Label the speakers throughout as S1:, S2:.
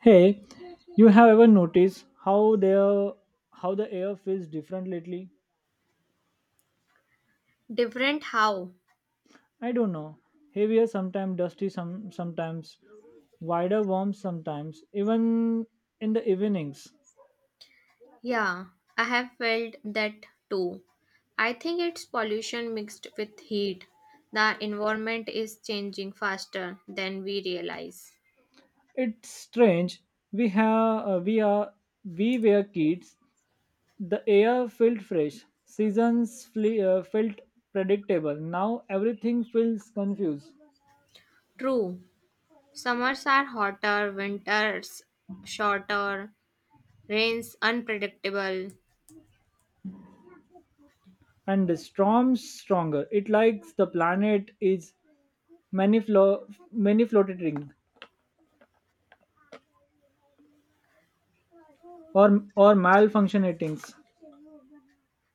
S1: Hey, you have ever noticed how the air feels different lately?
S2: Different how?
S1: I don't know. Heavier sometimes, dusty sometimes, wider warm sometimes, even in the evenings.
S2: Yeah, I have felt that too. I think it's pollution mixed with heat. The environment is changing faster than we realize.
S1: It's strange. We have we are we were kids. The air felt fresh. Seasons felt predictable. Now everything feels confused,
S2: True, summers are hotter, winters shorter, rains unpredictable.
S1: and the storm's stronger. It likes the planet is many many floated rings or malfunctionings.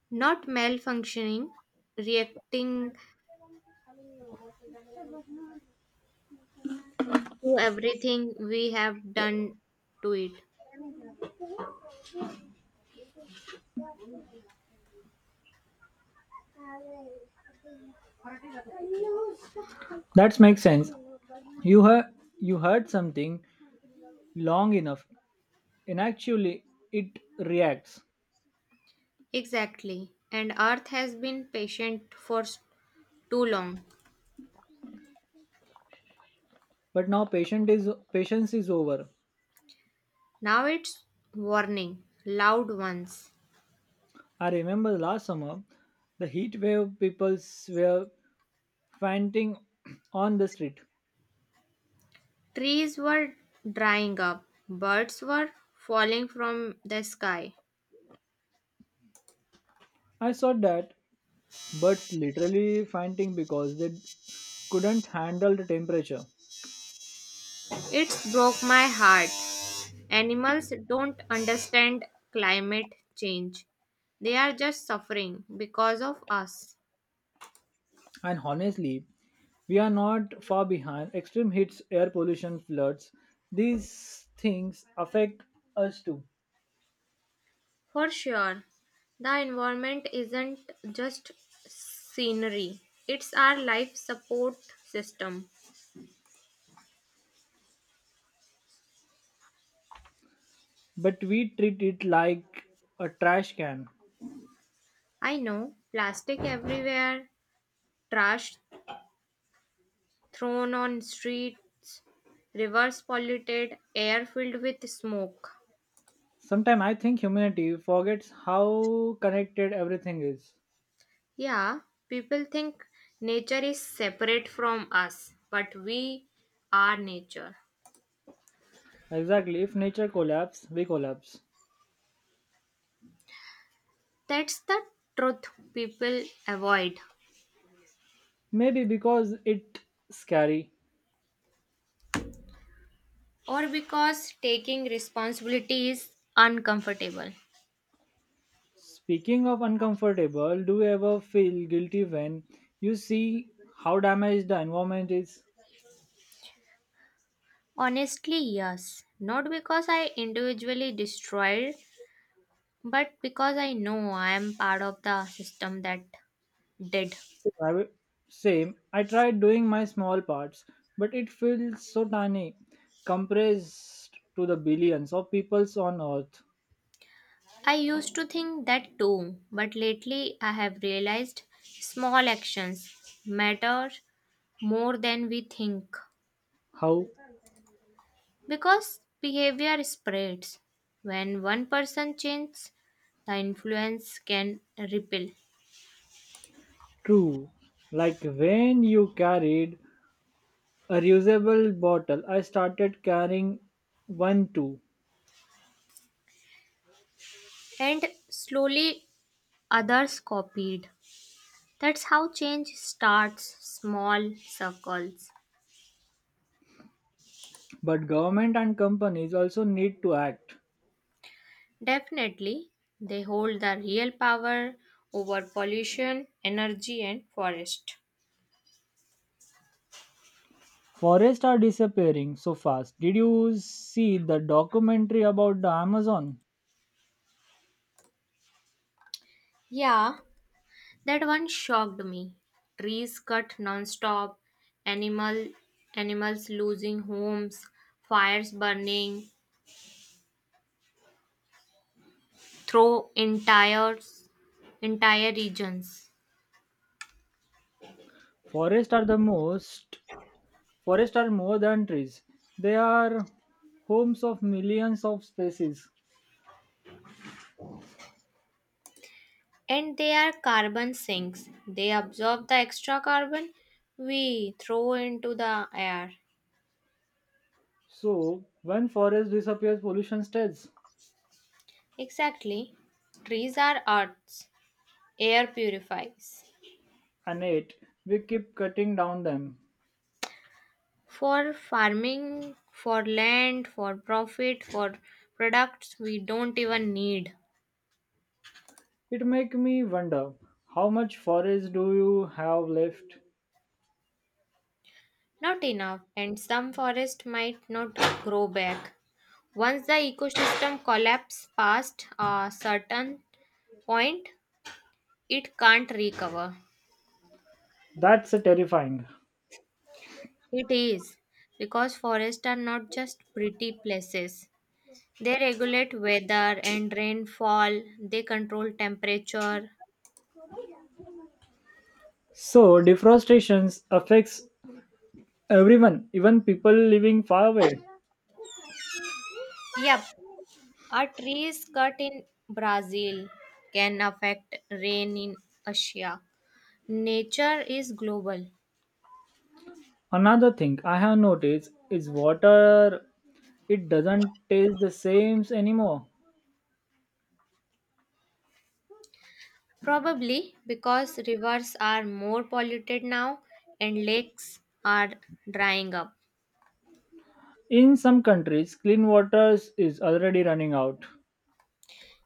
S2: Not malfunctioning, reacting to everything we have done to it.
S1: That makes sense. You heard you heard something long enough, and actually it reacts.
S2: Exactly, and Earth has been patient for too long.
S1: But now patient is patience is over.
S2: Now it's warning, loud ones.
S1: I remember last summer, the heat wave people were fainting on the street.
S2: Trees were drying up, birds were falling from the sky.
S1: I saw that birds literally fainting because they couldn't handle the temperature.
S2: It broke my heart. Animals don't understand climate change. They are just suffering because of us.
S1: And honestly, we are not far behind. Extreme heats, air pollution, floods, these things affect us too.
S2: For sure, the environment isn't just scenery, it's our life support system.
S1: But we treat it like a trash can.
S2: I know plastic everywhere, trash thrown on streets, rivers polluted, air filled with smoke.
S1: Sometimes I think humanity forgets how connected everything is.
S2: Yeah, people think nature is separate from us, but we are nature.
S1: Exactly, if nature collapses, we collapse.
S2: That's the truth people avoid,
S1: Maybe because it's scary.
S2: or because taking responsibility is uncomfortable.
S1: Speaking of uncomfortable, do you ever feel guilty when you see how damaged the environment is?
S2: Honestly, yes. Not because I individually destroyed, but because I know I am part of the system that did.
S1: Same. Same. I tried doing my small parts, but it feels so tiny, compressed to the billions of peoples on Earth.
S2: I used to think that too, but lately I have realized small actions matter more than we think
S1: How
S2: because behavior spreads. When one person changes, the influence can ripple,
S1: true. Like when you carried a reusable bottle, I started carrying one too.
S2: and slowly others copied. That's how change starts small circles.
S1: But government and companies also need to act.
S2: Definitely, they hold the real power over pollution, energy, and forest.
S1: Forests are disappearing so fast. Did you see the documentary about the Amazon?
S2: Yeah, that one shocked me. Trees cut non-stop, animal animals losing homes, fires burning through entire regions.
S1: Forests are the most Forests are more than trees, they are homes of millions of species.
S2: And they are carbon sinks. They absorb the extra carbon we throw into the air.
S1: So, when forest disappears, pollution stays.
S2: Exactly. Trees are earth's air purifies.
S1: And yet, we keep cutting down them.
S2: For farming, for land, for profit, for products we don't even need.
S1: It make me wonder how much forest do you have left?
S2: Not enough, and some forest might not grow back. Once the ecosystem collapse past a certain point, it can't recover.
S1: That's terrifying.
S2: It is because forests are not just pretty places. They regulate weather and rainfall, they control temperature.
S1: So, deforestation affects everyone, even people living far away.
S2: Yep, a tree's cut in Brazil can affect rain in Asia. Nature is global.
S1: Another thing I have noticed is water, it doesn't taste the same anymore.
S2: Probably because rivers are more polluted now and lakes are drying up.
S1: In some countries, clean water is already running out.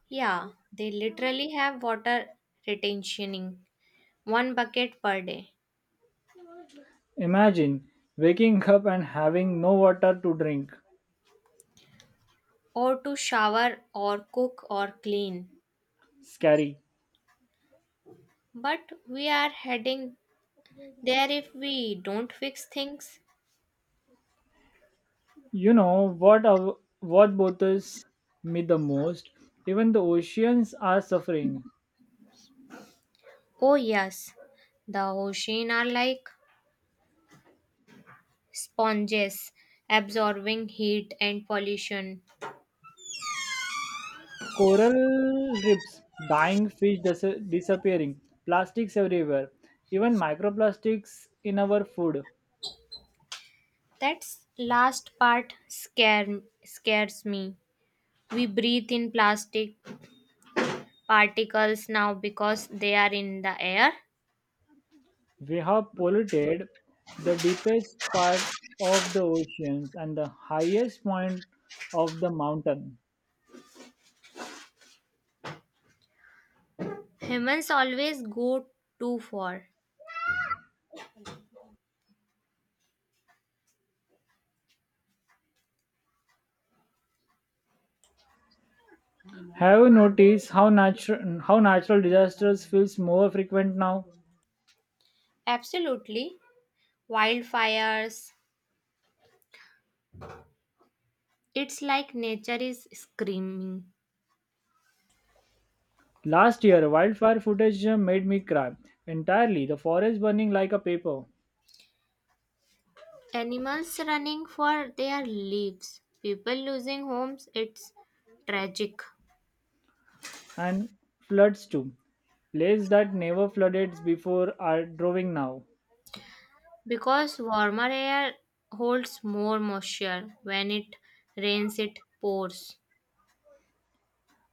S2: Yeah, they literally have water retentioning one bucket per day
S1: Imagine waking up and having no water to drink.
S2: or to shower or cook or clean.
S1: Scary.
S2: But we are heading there if we don't fix things.
S1: You know what bothers me the most? Even the oceans are suffering.
S2: Oh, yes, the ocean are like sponges absorbing heat and pollution.
S1: Coral reefs, dying fish disappearing, plastics everywhere, even microplastics in our food.
S2: That last part scares me. We breathe in plastic particles now because they are in the air.
S1: We have polluted the deepest part of the oceans and the highest point of the mountain.
S2: Humans always go too far.
S1: Have you noticed how natural disasters feels more frequent now?
S2: Absolutely. Wildfires. It's like nature is screaming.
S1: Last year, wildfire footage made me cry entirely. The forest burning like a paper,
S2: Animals running for their lives, people losing homes, it's tragic
S1: and floods too. Places that never flooded before are drawing now.
S2: because warmer air holds more moisture. When it rains, it pours.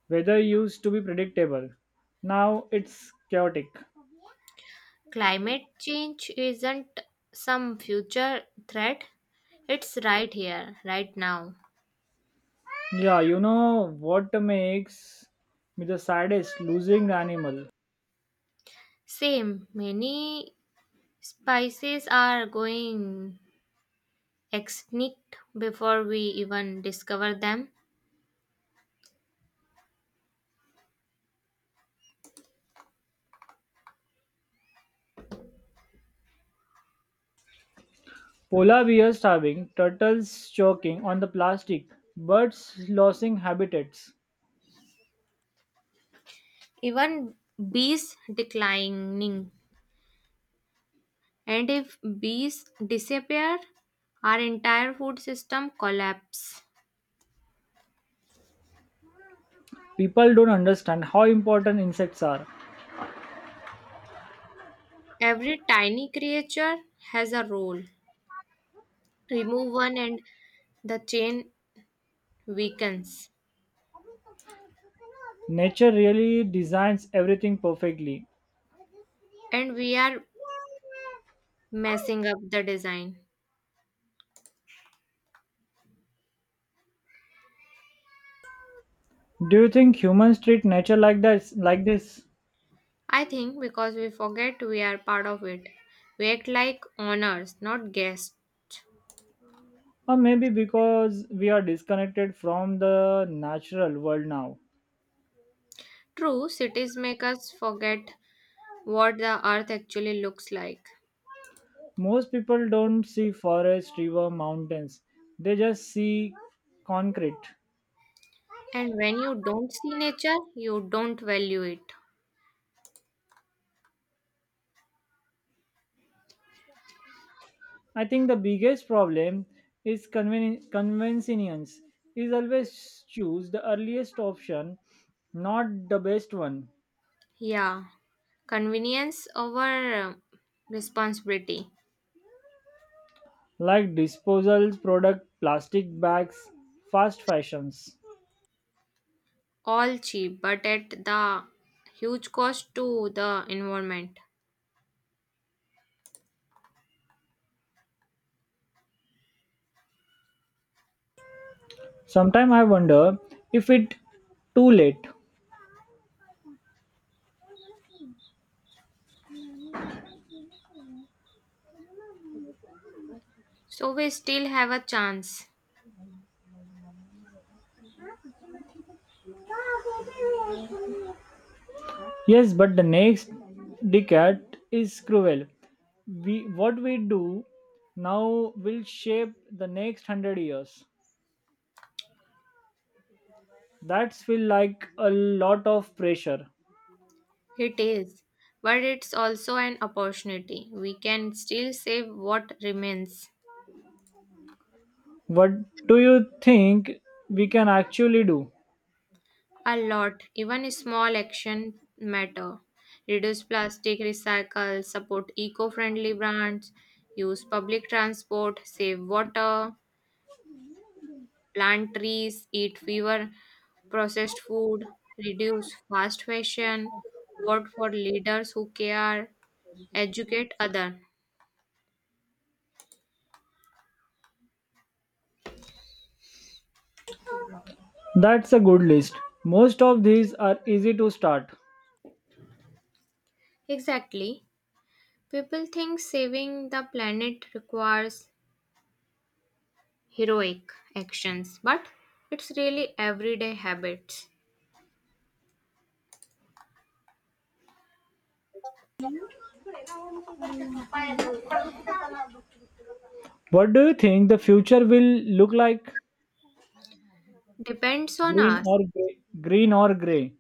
S1: Weather used to be predictable, now it's chaotic.
S2: Climate change isn't some future threat, it's right here, right now.
S1: Yeah, you know what makes me the saddest? Losing the animal.
S2: Same, many species are going extinct before we even discover them.
S1: Polar bears starving, turtles choking on the plastic, birds losing habitats.
S2: Even bees declining. And if bees disappear, our entire food system collapses.
S1: People don't understand how important insects are.
S2: Every tiny creature has a role. Remove one and the chain weakens.
S1: Nature really designs everything perfectly.
S2: And we are messing up the design.
S1: Do you think humans treat nature like that, like this?
S2: I think because we forget we are part of it. We act like owners, not guests.
S1: Or maybe because we are disconnected from the natural world now.
S2: True, cities make us forget what the earth actually looks like.
S1: Most people don't see forest, river, mountains. They just see concrete.
S2: And when you don't see nature, you don't value it.
S1: I think the biggest problem is convenience is always choose the earliest option, not the best one.
S2: Yeah, convenience over uh, responsibility.
S1: Like disposal product, plastic bags, fast fashions.
S2: All cheap, but at the huge cost to the environment.
S1: Sometimes I wonder if it too late.
S2: So we still have a chance.
S1: Yes, but the next decade is cruel. We, what we do now will shape the next hundred years. That's feel like a lot of pressure.
S2: It is, but it's also an opportunity. We can still save what remains.
S1: What do you think we can actually do?
S2: A lot, even small action matter. Reduce plastic, recycle, support eco-friendly brands, use public transport, save water. Plant trees, eat fewer processed food, reduce fast fashion, vote for leaders who care, educate other.
S1: That's a good list. Most of these are easy to start.
S2: Exactly. People think saving the planet requires heroic actions, but it's really everyday habits.
S1: What do you think the future will look like?
S2: Depends on
S1: Green
S2: us.
S1: or gray? Green or gray?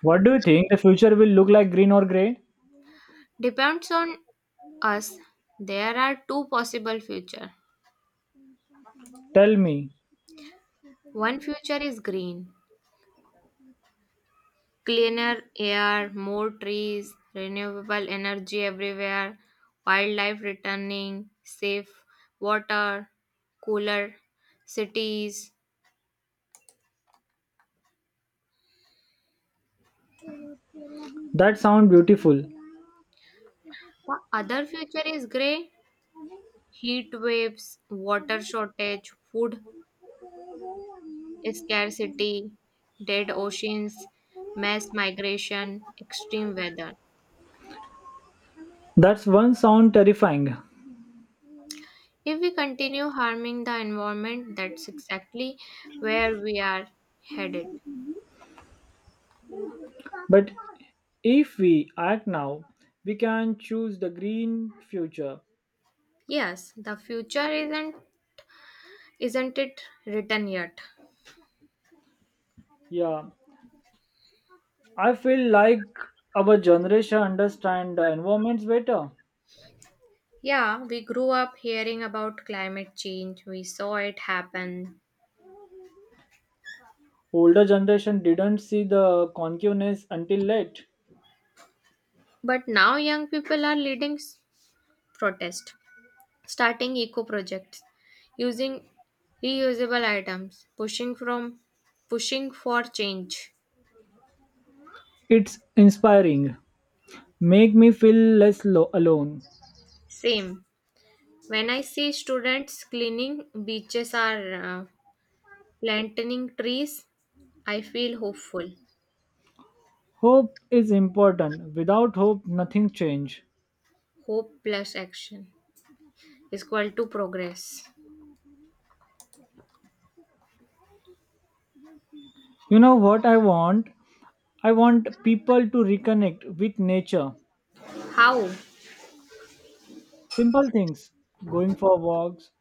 S1: What do you think the future will look like? Green or gray?
S2: Depends on us. There are two possible future.
S1: Tell me.
S2: One future is green. Cleaner air, more trees, renewable energy everywhere, wildlife returning, safe water, cooler cities.
S1: That sounds beautiful.
S2: The other future is grey: heat waves, water shortage, food scarcity, dead oceans, mass migration, extreme weather.
S1: That's one sound terrifying.
S2: If we continue harming the environment, that's exactly where we are headed.
S1: But if we act now, we can choose the green future.
S2: Yes, the future isn't. Isn't it written yet?
S1: Yeah, I feel like our generation understand the environments better.
S2: Yeah, we grew up hearing about climate change, we saw it happen.
S1: Older generation didn't see the concuveness until late.
S2: But now young people are leading protest, starting eco projects, using reusable items, pushing for change.
S1: It's inspiring. Make me feel less alone.
S2: Same. When I see students cleaning beaches or planting trees, I feel hopeful.
S1: Hope is important. Without hope, nothing change.
S2: Hope plus action is equal to progress.
S1: You know what I want? I want people to reconnect with nature.
S2: How?
S1: Simple things, going for walks,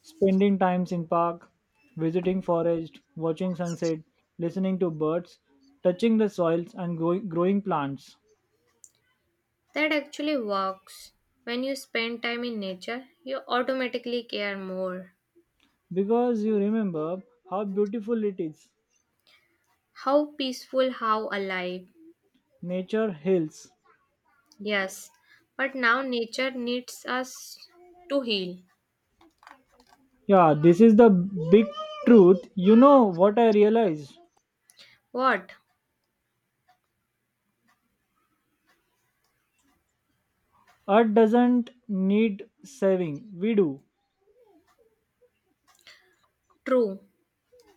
S1: spending times in park, visiting forest, watching sunset, listening to birds, touching the soils and growing plants.
S2: That actually works. When you spend time in nature, you automatically care more.
S1: Because you remember how beautiful it is.
S2: How peaceful, how alive.
S1: Nature heals.
S2: Yes, but now nature needs us to heal.
S1: Yeah, this is the big truth. You know what I realized?
S2: What?
S1: Earth doesn't need saving. We do.
S2: True.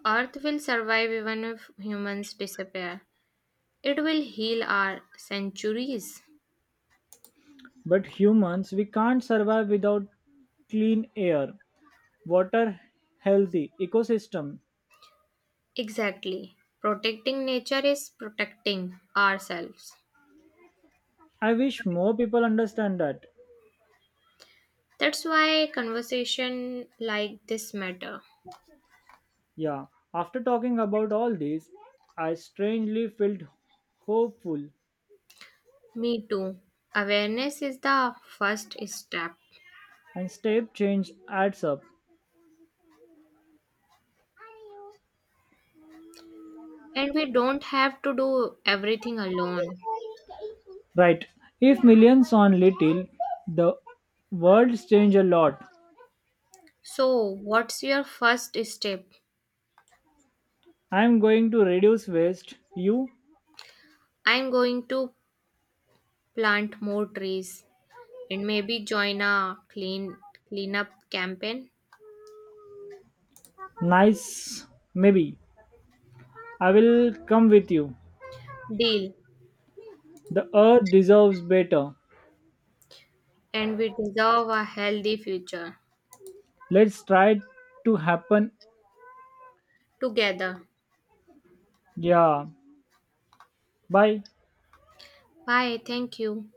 S2: Earth will survive even if humans disappear. It will heal our centuries.
S1: But humans, we can't survive without clean air, water, healthy ecosystem.
S2: Exactly. Protecting nature is protecting ourselves.
S1: I wish more people understand that.
S2: That's why conversation like this matter.
S1: Yeah, after talking about all this, I strangely felt hopeful,
S2: Me too. Awareness is the first step,
S1: and step change adds up.
S2: and we don't have to do everything alone.
S1: Right, if millions on little, the world's change a lot.
S2: So, what's your first step?
S1: I am going to reduce waste. You?
S2: I'm going to plant more trees and maybe join a cleanup campaign.
S1: Nice. Maybe I will come with you.
S2: Deal.
S1: The earth deserves better.
S2: And we deserve a healthy future
S1: Let's try to happen.
S2: together.
S1: Yeah. Bye.
S2: Bye. Thank you.